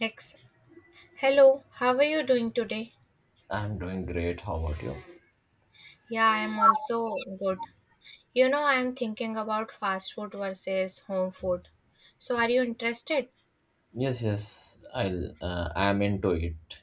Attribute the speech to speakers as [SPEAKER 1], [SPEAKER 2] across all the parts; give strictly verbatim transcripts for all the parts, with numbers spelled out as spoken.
[SPEAKER 1] Next. Hello, how are you doing today?
[SPEAKER 2] I'm doing great. How about you?
[SPEAKER 1] Yeah, I am also good. You know, I am thinking about fast food versus home food. So, are you interested?
[SPEAKER 2] Yes, yes. I'll. Uh, I'm into it.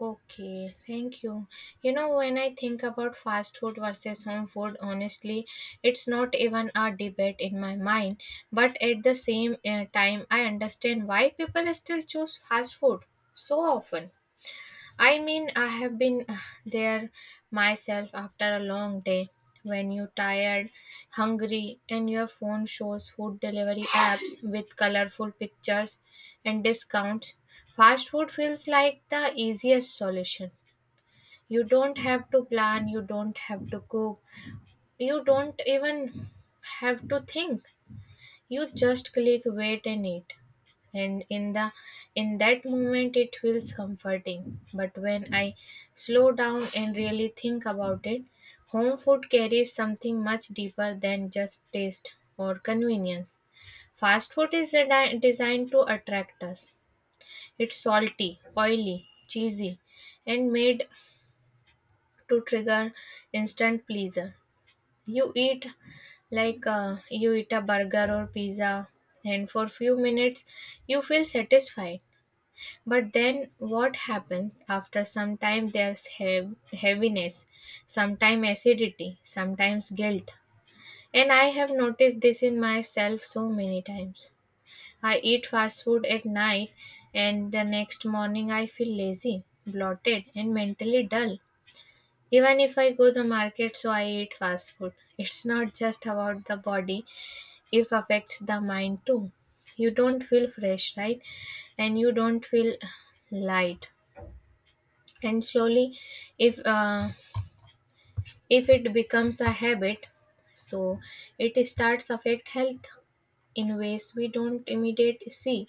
[SPEAKER 1] Okay, thank you. You know, when I think about fast food versus home food, honestly, it's not even a debate in my mind. But at the same uh, time, I understand why people still choose fast food so often. I mean, I have been uh, there myself after a long day when you're tired, hungry, and your phone shows food delivery apps with colorful pictures and discounts. Fast food feels like the easiest solution. You don't have to plan, you don't have to cook, you don't even have to think, you just click, wait, and eat. And in the in that moment it feels comforting, but when I slow down and really think about it, home food carries something much deeper than just taste or convenience. Fast food is desi- designed to attract us. It's salty, oily, cheesy, and made to trigger instant pleasure. You eat, like uh, you eat a burger or pizza, and for few minutes you feel satisfied. But then what happens after some time? There's heav- heaviness, sometimes acidity, sometimes guilt. And I have noticed this in myself so many times. I eat fast food at night, and the next morning I feel lazy, bloated, and mentally dull. Even if I go the market, so I eat fast food. It's not just about the body, it affects the mind too. You don't feel fresh, right? And you don't feel light. And slowly, if uh, if it becomes a habit, so it starts affect health in ways we don't immediate see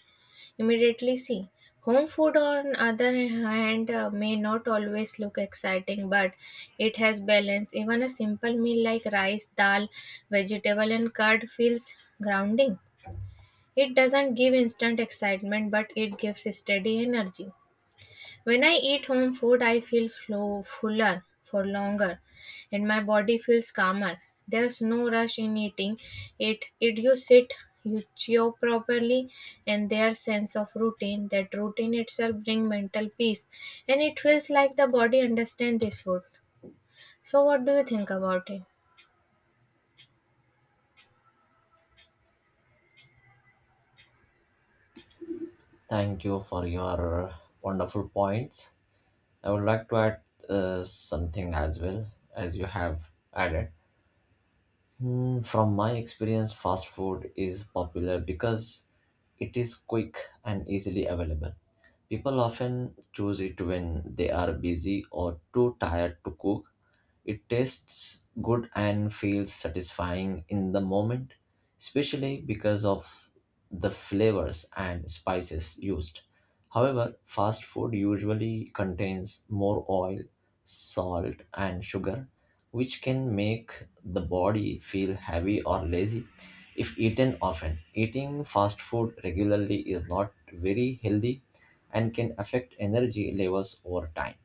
[SPEAKER 1] immediately see. Home food, on other hand, uh, may not always look exciting, but it has balance. Even a simple meal like rice, dal, vegetable, and curd feels grounding. It doesn't give instant excitement, but it gives steady energy. When I eat home food, I feel flow, fuller for longer, and my body feels calmer. There's no rush in eating it. It, you sit, you chew properly, and their sense of routine, that routine itself bring mental peace. And it feels like the body understands this food. So what do you think about it?
[SPEAKER 2] Thank you for your wonderful points. I would like to add uh, something as well as you have added. Hmm, from my experience, fast food is popular because it is quick and easily available. People often choose it when they are busy or too tired to cook. It tastes good and feels satisfying in the moment, especially because of the flavors and spices used. However, fast food usually contains more oil, salt, and sugar, which can make the body feel heavy or lazy if eaten often. Eating fast food regularly is not very healthy and can affect energy levels over time.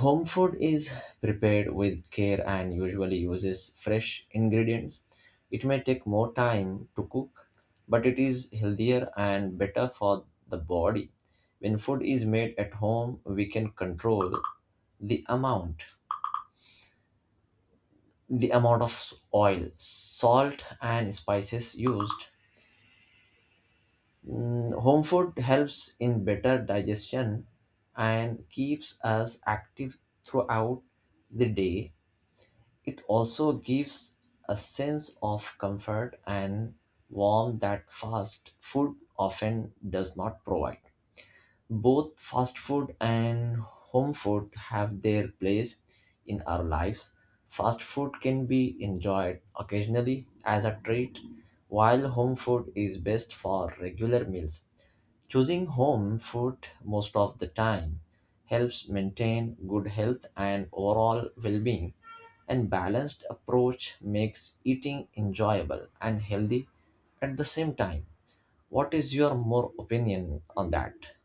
[SPEAKER 2] Home food is prepared with care and usually uses fresh ingredients. It may take more time to cook, but it is healthier and better for the body. When food is made at home, we can control the amount the amount of oil, salt, and spices used. Mm, home food helps in better digestion and keeps us active throughout the day. It also gives a sense of comfort and warmth that fast food often does not provide. Both fast food and home food have their place in our lives. Fast food can be enjoyed occasionally as a treat, while home food is best for regular meals. Choosing home food most of the time helps maintain good health and overall well being. And balanced approach makes eating enjoyable and healthy at the same time. What is your more opinion on that?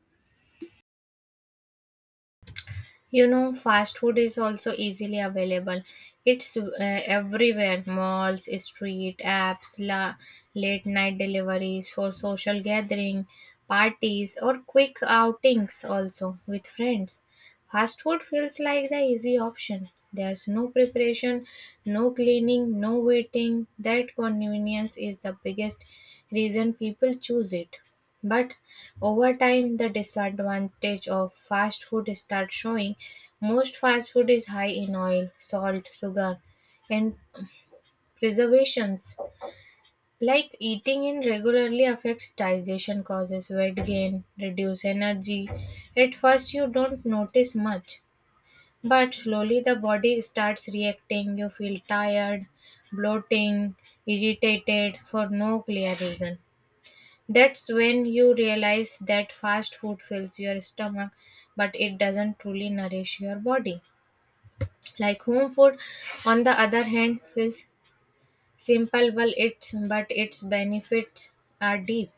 [SPEAKER 1] You know, fast food is also easily available. It's uh, everywhere: malls, street apps, la- late night deliveries for social gathering, parties, or quick outings also with friends. Fast food feels like the easy option. There's no preparation, no cleaning, no waiting. That convenience is the biggest reason people choose it. But over time, the disadvantage of fast food starts showing. Most fast food is high in oil, salt, sugar, and preservations. Like eating in regularly affects digestion, causes weight gain, reduce energy. At first, you don't notice much, but slowly the body starts reacting. You feel tired, bloating, irritated for no clear reason. That's when you realize that fast food fills your stomach, but it doesn't truly nourish your body. Like home food, on the other hand, feels simple, well, it's but its benefits are deep.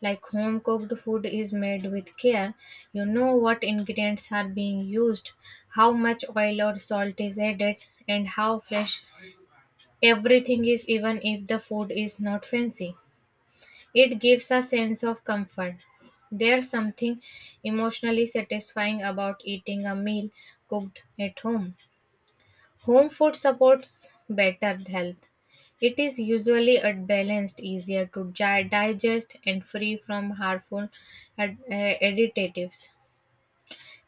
[SPEAKER 1] Like home cooked food is made with care. You know what ingredients are being used, how much oil or salt is added, and how fresh everything is, even if the food is not fancy. It gives a sense of comfort. There's something emotionally satisfying about eating a meal cooked at home. Home food supports better health. It is usually a balanced, easier to gi- digest, and free from harmful ad- eh, additives.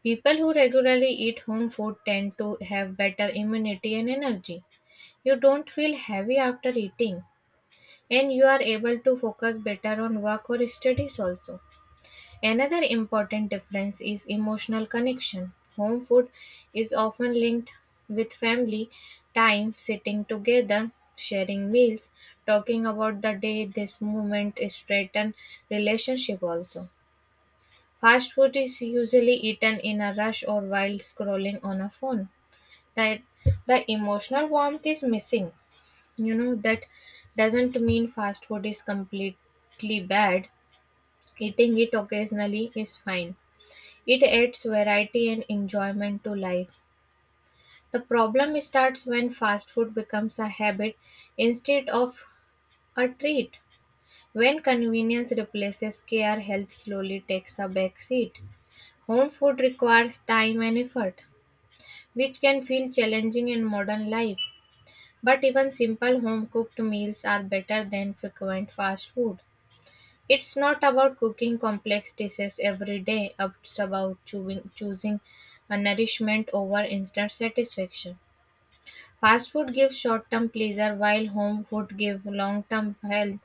[SPEAKER 1] People who regularly eat home food tend to have better immunity and energy. You don't feel heavy after eating, and you are able to focus better on work or studies also. Another important difference is emotional connection. Home food is often linked with family time, sitting together, sharing meals, talking about the day. This movement strengthens relationship also. Fast food is usually eaten in a rush or while scrolling on a phone. That, the emotional warmth is missing. You know that doesn't mean fast food is completely bad. Eating it occasionally is fine, it adds variety and enjoyment to life. The problem starts when fast food becomes a habit instead of a treat. When convenience replaces care, health slowly takes a back seat. Home food requires time and effort, which can feel challenging in modern life. But even simple home cooked meals are better than frequent fast food. It's not about cooking complex dishes every day, it's about chewing, choosing a nourishment over instant satisfaction. Fast food gives short term pleasure, while home food gives long term health.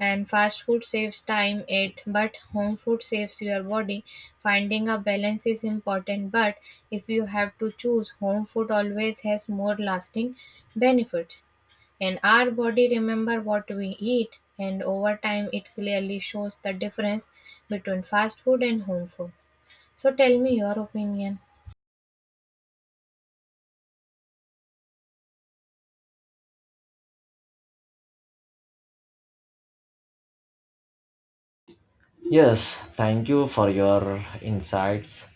[SPEAKER 1] And fast food saves time, it but home food saves your body. Finding a balance is important, but if you have to choose, home food always has more lasting benefits. And our body remember what we eat, and over time it clearly shows the difference between fast food and home food. So tell me your opinion.
[SPEAKER 2] Yes, thank you for your insights.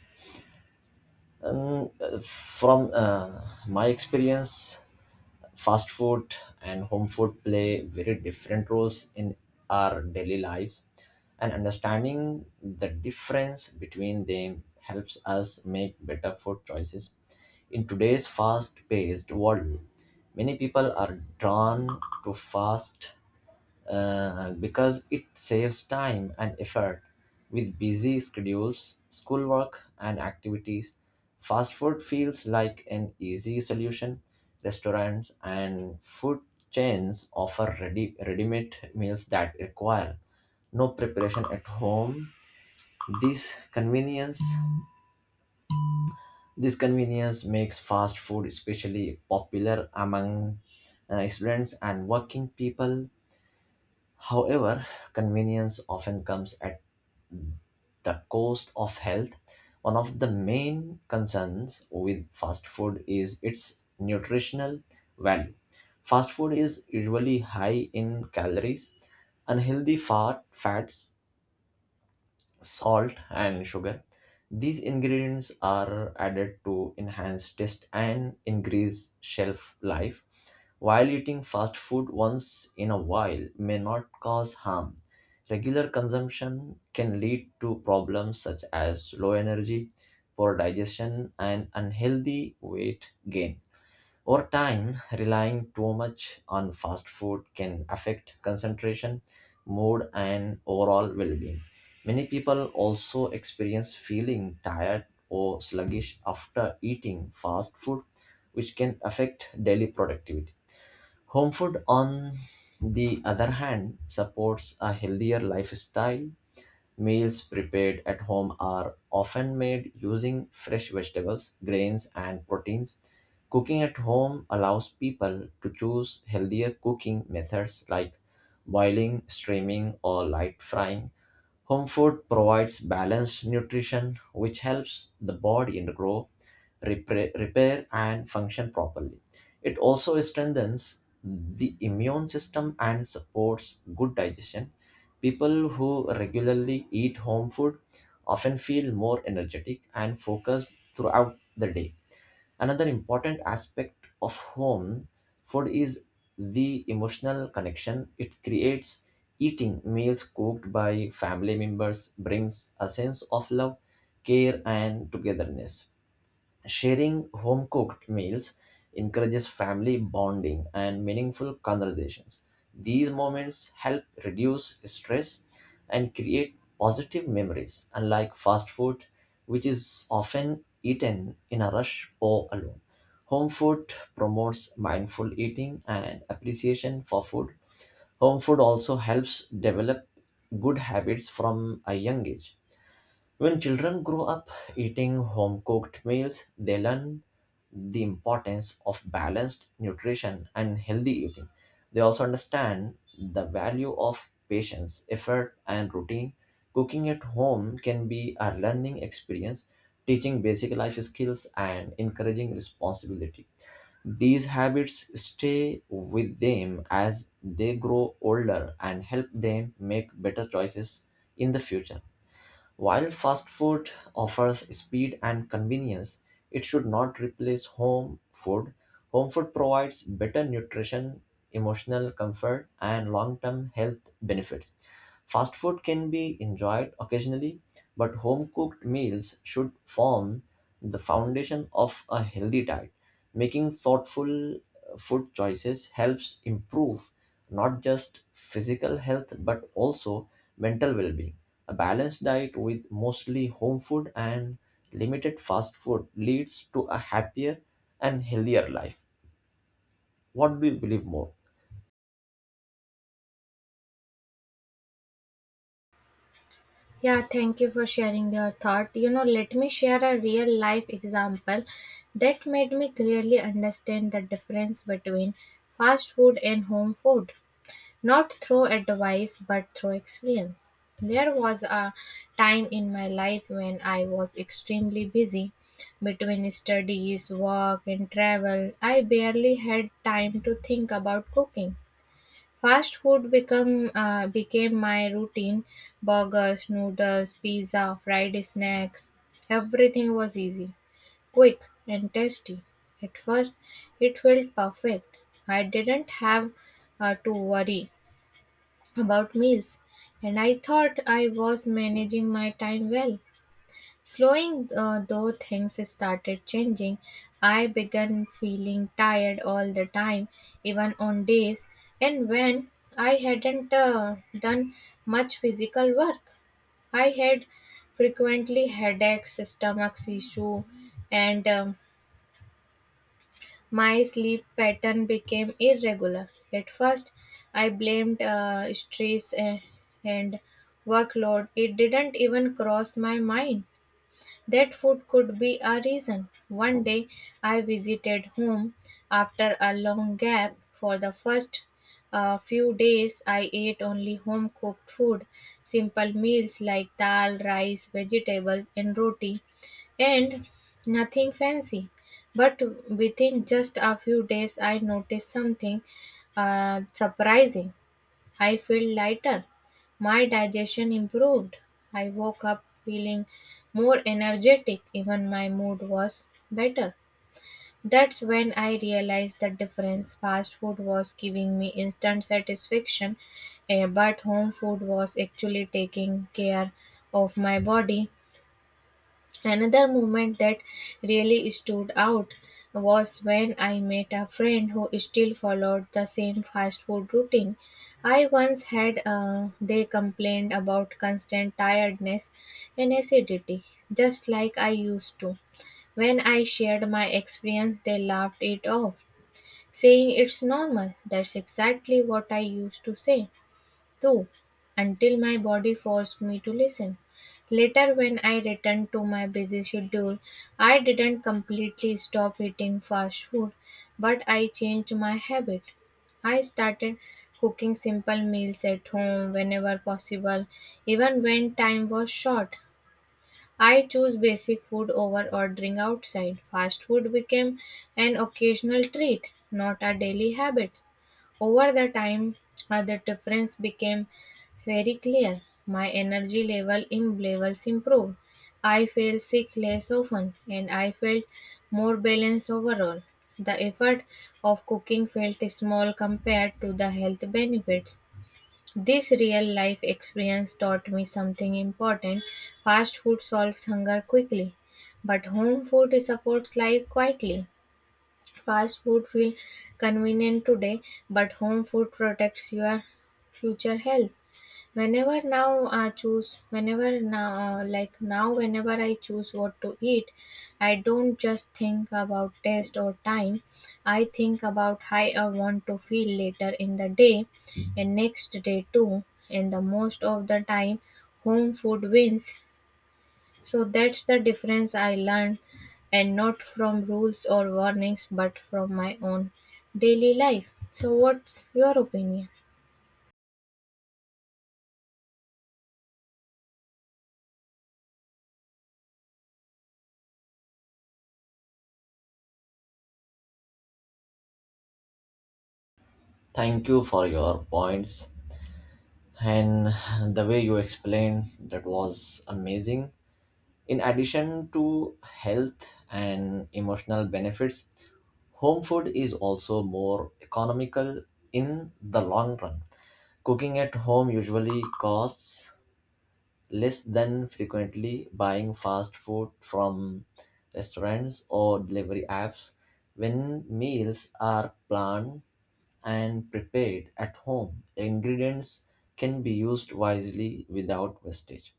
[SPEAKER 2] Um, uh, from uh, my experience, fast food and home food play very different roles in our daily lives, and understanding the difference between them helps us make better food choices in today's fast paced world. Many people are drawn to fast uh, because it saves time and effort with busy schedules, schoolwork, and activities. Fast food feels like an easy solution. Restaurants and food chains offer ready ready-made meals that require no preparation at home. This convenience this convenience makes fast food especially popular among uh, students and working people. However, convenience often comes at the cost of health. One of the main concerns with fast food is its nutritional value. Fast food is usually high in calories, unhealthy fat, fats, salt and sugar. These ingredients are added to enhance taste and increase shelf life. While eating fast food once in a while may not cause harm, regular consumption can lead to problems such as low energy, poor digestion, and unhealthy weight gain. Over time, relying too much on fast food can affect concentration, mood, and overall well being. Many people also experience feeling tired or sluggish after eating fast food, which can affect daily productivity. Home food, on the other hand, supports a healthier lifestyle. Meals prepared at home are often made using fresh vegetables, grains, and proteins. Cooking at home allows people to choose healthier cooking methods like boiling, steaming, or light frying. Home food provides balanced nutrition, which helps the body grow, repair, repair, and function properly. It also strengthens the immune system and supports good digestion. People who regularly eat home food often feel more energetic and focused throughout the day. Another important aspect of home food is the emotional connection it creates. Eating meals cooked by family members brings a sense of love, care, and togetherness. Sharing home cooked meals encourages family bonding and meaningful conversations. These moments help reduce stress and create positive memories, unlike fast food, which is often eaten in a rush or alone. Home food promotes mindful eating and appreciation for food. Home food also helps develop good habits from a young age. When children grow up eating home cooked meals, they learn the importance of balanced nutrition and healthy eating. They also understand the value of patience, effort, and routine. Cooking at home can be a learning experience, teaching basic life skills and encouraging responsibility. These habits stay with them as they grow older and help them make better choices in the future. While fast food offers speed and convenience, it should not replace home food. Home food provides better nutrition, emotional comfort, and long term health benefits. Fast food can be enjoyed occasionally, but home cooked meals should form the foundation of a healthy diet. Making thoughtful uh, food choices helps improve not just physical health but also mental well being. A balanced diet with mostly home food and limited fast food leads to a happier and healthier life. What do you believe more?
[SPEAKER 1] Yeah, thank you for sharing your thought. You know, let me share a real life example that made me clearly understand the difference between fast food and home food, not through advice but through experience. There was a time in my life when I was extremely busy between studies, work, and travel. I barely had time to think about cooking. Fast food become uh, became my routine. Burgers, noodles, pizza, fried snacks, everything was easy, quick, and tasty. At first, it felt perfect. I didn't have uh, to worry about meals, and I thought I was managing my time well. Slowing uh, though things started changing, I began feeling tired all the time, even on days, and when I hadn't uh, done much physical work. I had frequently headaches, stomach issue, and um, my sleep pattern became irregular. At first, I blamed uh, stress uh, and workload. It didn't even cross my mind that food could be a reason. One day I visited home after a long gap. For the first uh, few days, I ate only home cooked food, simple meals like dal, rice, vegetables, and roti, and nothing fancy. But within just a few days, I noticed something uh, surprising. I felt lighter. My digestion improved. I woke up feeling more energetic. Even my mood was better. That's when I realized the difference. Fast food was giving me instant satisfaction, eh, but home food was actually taking care of my body. Another moment that really stood out was when I met a friend who still followed the same fast food routine. I once had uh, They complained about constant tiredness and acidity, just like I used to. When I shared my experience, they laughed it off, saying it's normal. That's exactly what I used to say too, until my body forced me to listen. Later, when I returned to my busy schedule, I didn't completely stop eating fast food, but I changed my habit. I started cooking simple meals at home whenever possible, even when time was short. I choose basic food over ordering outside. Fast food became an occasional treat, not a daily habit. Over the time, uh, the difference became very clear. My energy level in levels improved. I feel sick less often, and I felt more balanced overall. The effort of cooking felt small compared to the health benefits. This real life experience taught me something important. Fast food solves hunger quickly, but home food supports life quietly. Fast food feels convenient today, but home food protects your future health. Whenever now I choose, whenever now, like now, whenever I choose what to eat, I don't just think about taste or time. I think about how I want to feel later in the day and next day too. And the most of the time, home food wins. So that's the difference I learned, and not from rules or warnings, but from my own daily life. So, what's your opinion?
[SPEAKER 2] Thank you for your points, and the way you explained that was amazing. In addition to health and emotional benefits, home food is also more economical in the long run. Cooking at home usually costs less than frequently buying fast food from restaurants or delivery apps. When meals are planned and prepared at home, ingredients can be used wisely without wastage.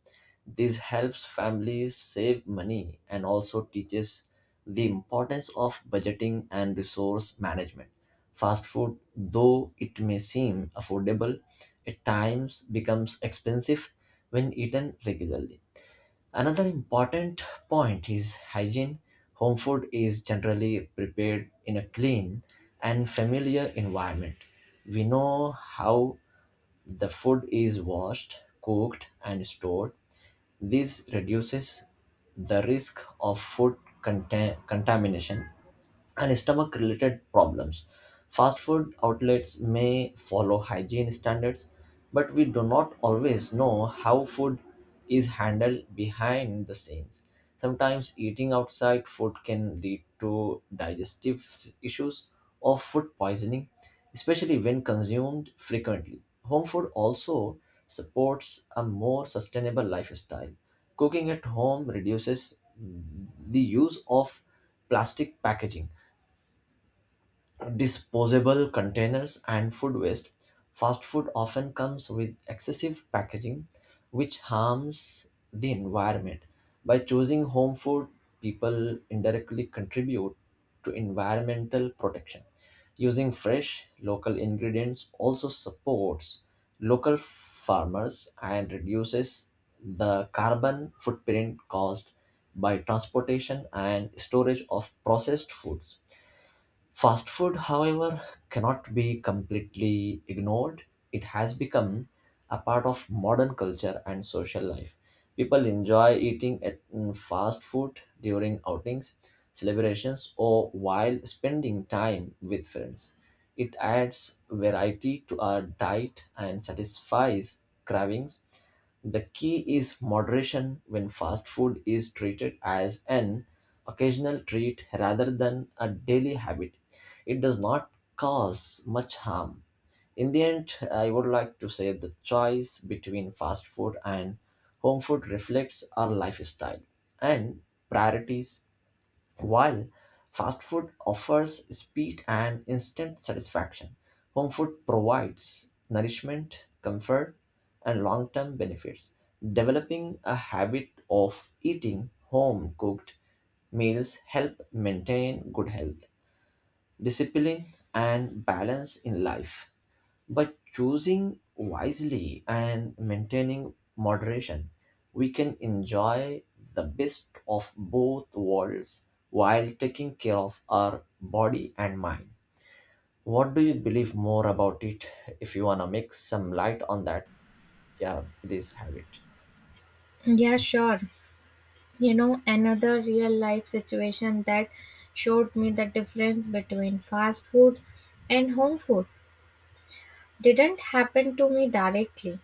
[SPEAKER 2] This helps families save money and also teaches the importance of budgeting and resource management. Fast food, though it may seem affordable, at times becomes expensive when eaten regularly. Another important point is hygiene. Home food is generally prepared in a clean and familiar environment. We know how the food is washed, cooked, and stored. This reduces the risk of food contam- contamination and stomach related problems. Fast food outlets may follow hygiene standards, but we do not always know how food is handled behind the scenes. Sometimes eating outside food can lead to digestive s- issues or food poisoning, especially when consumed frequently. Home food also supports a more sustainable lifestyle. Cooking at home reduces the use of plastic packaging, disposable containers, and food waste. Fast food often comes with excessive packaging, which harms the environment. By choosing home food, people indirectly contribute to environmental protection. Using fresh local ingredients also supports local farmers and reduces the carbon footprint caused by transportation and storage of processed foods. Fast food, however, cannot be completely ignored. It has become a part of modern culture and social life. People enjoy eating at mm, fast food during outings, celebrations, or while spending time with friends. It adds variety to our diet and satisfies cravings. The key is moderation. When fast food is treated as an occasional treat rather than a daily habit, it does not cause much harm. In the end, I would like to say the choice between fast food and home food reflects our lifestyle and priorities. While fast food offers speed and instant satisfaction, home food provides nourishment, comfort, and long term benefits. Developing a habit of eating home cooked meals help maintain good health, discipline, and balance in life. By choosing wisely and maintaining moderation, we can enjoy the best of both worlds while taking care of our body and mind. What do you believe more about it? If you want to make some light on that, yeah, please have it.
[SPEAKER 1] Yeah, sure. You know, another real life situation that showed me the difference between fast food and home food didn't happen to me directly.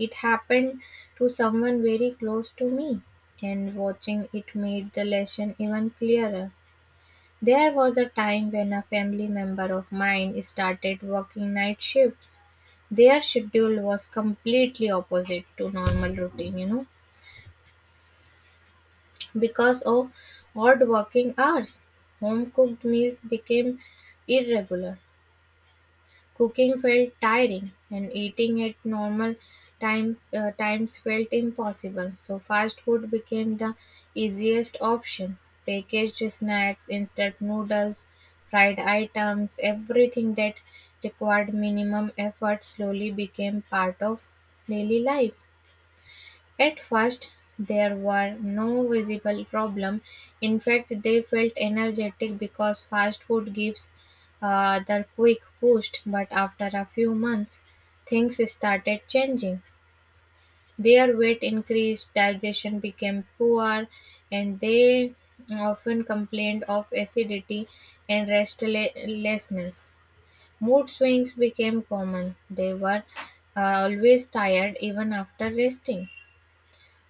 [SPEAKER 1] It happened to someone very close to me, and watching it made the lesson even clearer. There was a time when a family member of mine started working night shifts. Their schedule was completely opposite to normal routine, you know Because of odd working hours, home-cooked meals became irregular, cooking felt tiring, and eating at normal time uh, times felt impossible. So fast food became the easiest option. Packaged snacks, instant noodles, fried items, everything that required minimum effort slowly became part of daily life. At first there were no visible problems, in fact they felt energetic because fast food gives uh, the quick boost, but after a few months things started changing. Their weight increased, digestion became poor, and they often complained of acidity and restlessness. Mood swings became common. They were uh, always tired even after resting.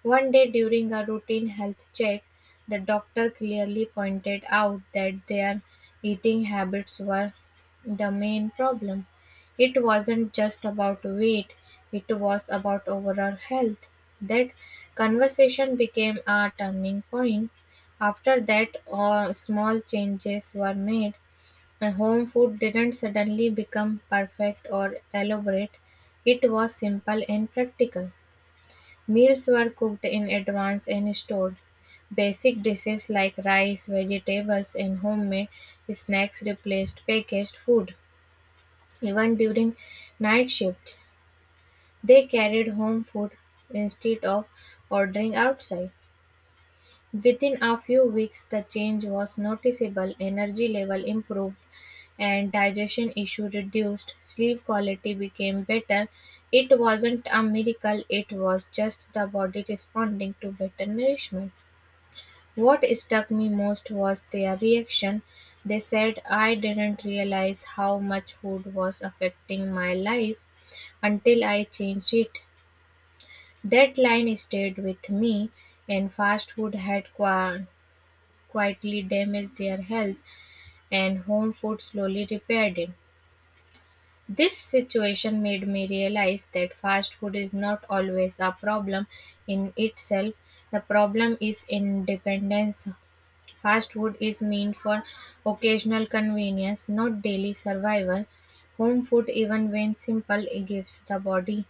[SPEAKER 1] One day during a routine health check, the doctor clearly pointed out that their eating habits were the main problem. It wasn't just about weight, it was about overall health. That conversation became a turning point. After that, all small changes were made. And home food didn't suddenly become perfect or elaborate. It was simple and practical. Meals were cooked in advance and stored; basic dishes like rice, vegetables, and homemade snacks replaced packaged food. Even during night shifts, they carried home food instead of ordering outside. Within a few weeks, the change was noticeable: energy level improved and digestion issue reduced. Sleep quality became better. It wasn't a miracle, it was just the body responding to better nourishment. What struck me most was their reaction. They said, I didn't realize how much food was affecting my life until I changed it. That line stayed with me, and fast food had qua- quietly damaged their health, and home food slowly repaired it. This situation made me realize that fast food is not always a problem in itself. The problem is in dependence. Fast food is meant for occasional convenience, not daily survival. Home food, even when simple, gives the body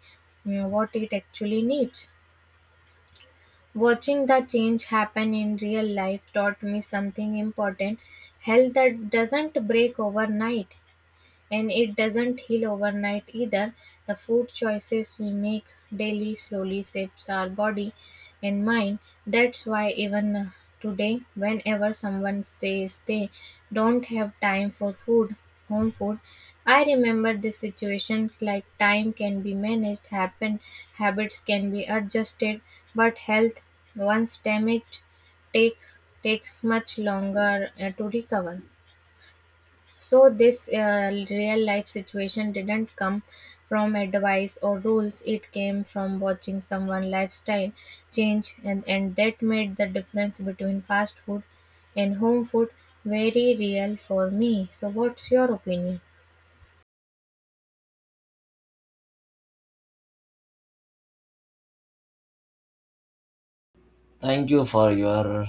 [SPEAKER 1] mm, what it actually needs. Watching the change happen in real life taught me something important. Health that doesn't break overnight. And it doesn't heal overnight either. The food choices we make daily slowly shapes our body and mind. That's why even today, whenever someone says they don't have time for food, home food, I remember this situation, like time can be managed, happen, habits can be adjusted, but health, once damaged, take takes much longer uh, to recover. So this uh, real life situation didn't come from advice or rules. It came from watching someone lifestyle change, and, and that made the difference between fast food and home food very real for me. So what's your opinion?
[SPEAKER 2] Thank you for your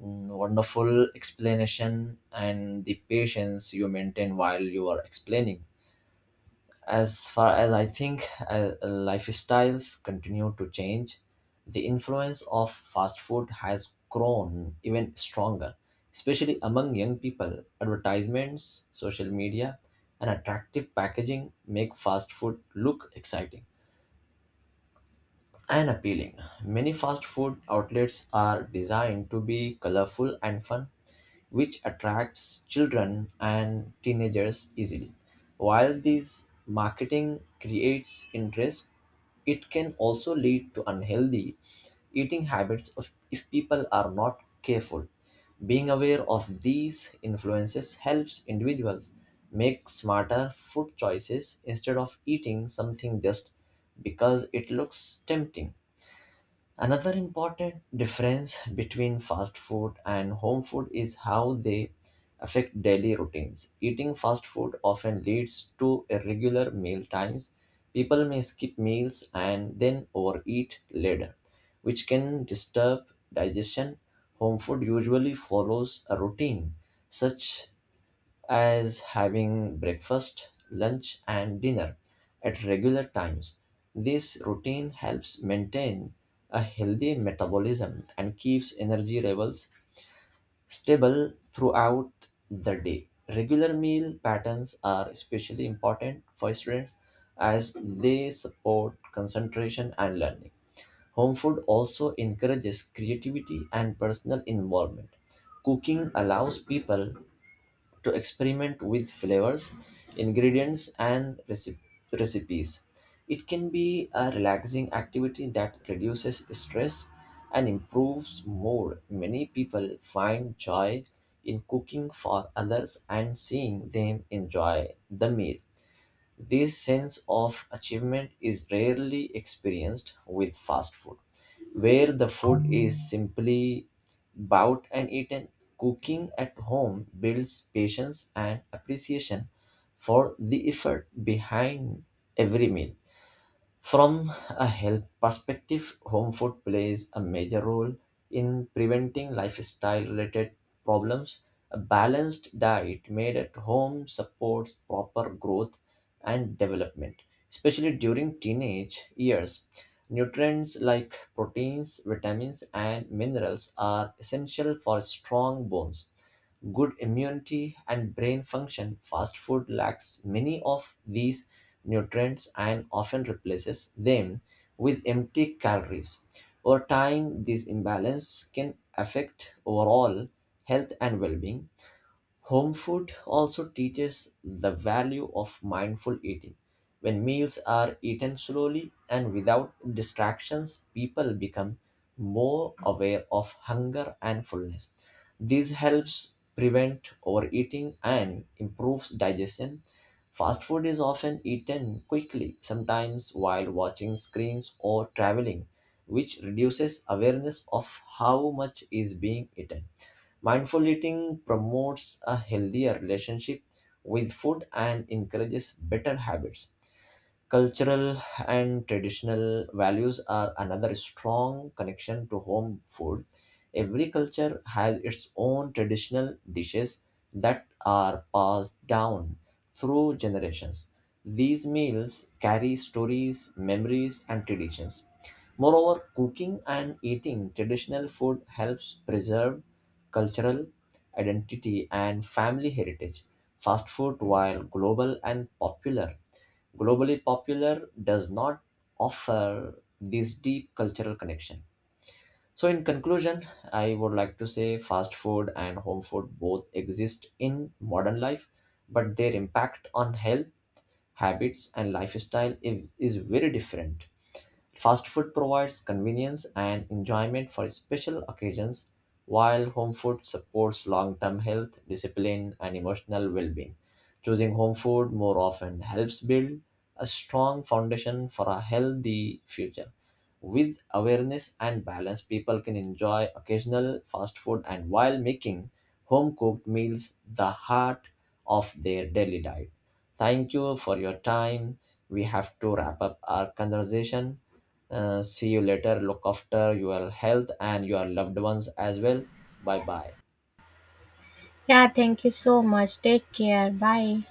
[SPEAKER 2] mm, wonderful explanation and the patience you maintain while you are explaining. As far as I think, uh, uh, lifestyles continue to change. The influence of fast food has grown even stronger, especially among young people. Advertisements, social media, and attractive packaging make fast food look exciting and appealing. Many fast food outlets are designed to be colorful and fun, which attracts children and teenagers easily. While this marketing creates interest, it can also lead to unhealthy eating habits of, if people are not careful. Being aware of these influences helps individuals make smarter food choices instead of eating something just because it looks tempting. Another important difference between fast food and home food is how they affect daily routines. Eating fast food often leads to irregular meal times. People may skip meals and then overeat later, which can disturb digestion. Home food usually follows a routine, such as having breakfast, lunch, and dinner at regular times. This routine helps maintain a healthy metabolism and keeps energy levels stable throughout the day. Regular meal patterns are especially important for students, as they support concentration and learning. Home food also encourages creativity and personal involvement. Cooking allows people to experiment with flavors, ingredients, and reci- recipes. It can be a relaxing activity that reduces stress and improves mood. Many people find joy in cooking for others and seeing them enjoy the meal. This sense of achievement is rarely experienced with fast food, where the food is simply bought and eaten. Cooking at home builds patience and appreciation for the effort behind every meal. From a health perspective, home food plays a major role in preventing lifestyle related problems. A balanced diet made at home supports proper growth and development, especially during teenage years. Nutrients like proteins, vitamins, and minerals are essential for strong bones, good immunity, and brain function. Fast food lacks many of these nutrients and often replaces them with empty calories. Over time, this imbalance can affect overall health and well being. Home food also teaches the value of mindful eating. When meals are eaten slowly and without distractions, people become more aware of hunger and fullness. This helps prevent overeating and improves digestion. Fast food is often eaten quickly, sometimes while watching screens or traveling, which reduces awareness of how much is being eaten. Mindful eating promotes a healthier relationship with food and encourages better habits. Cultural and traditional values are another strong connection to home food. Every culture has its own traditional dishes that are passed down through generations. These meals carry stories, memories, and traditions. Moreover, cooking and eating traditional food helps preserve cultural identity and family heritage. Fast food, while global and popular, Globally Popular does not offer this deep cultural connection. So, in conclusion, I would like to say fast food and home food both exist in modern life, but their impact on health, habits, and lifestyle is, is very different. Fast food provides convenience and enjoyment for special occasions, while home food supports long term health, discipline, and emotional well being. Choosing home food more often helps build a strong foundation for a healthy future. With awareness and balance, people can enjoy occasional fast food and while making home cooked meals the heart of their daily diet. Thank you for your time. We have to wrap up our conversation. Uh, see you later. Look after your health and your loved ones as well. Bye bye.
[SPEAKER 1] Yeah, thank you so much. Take care. Bye.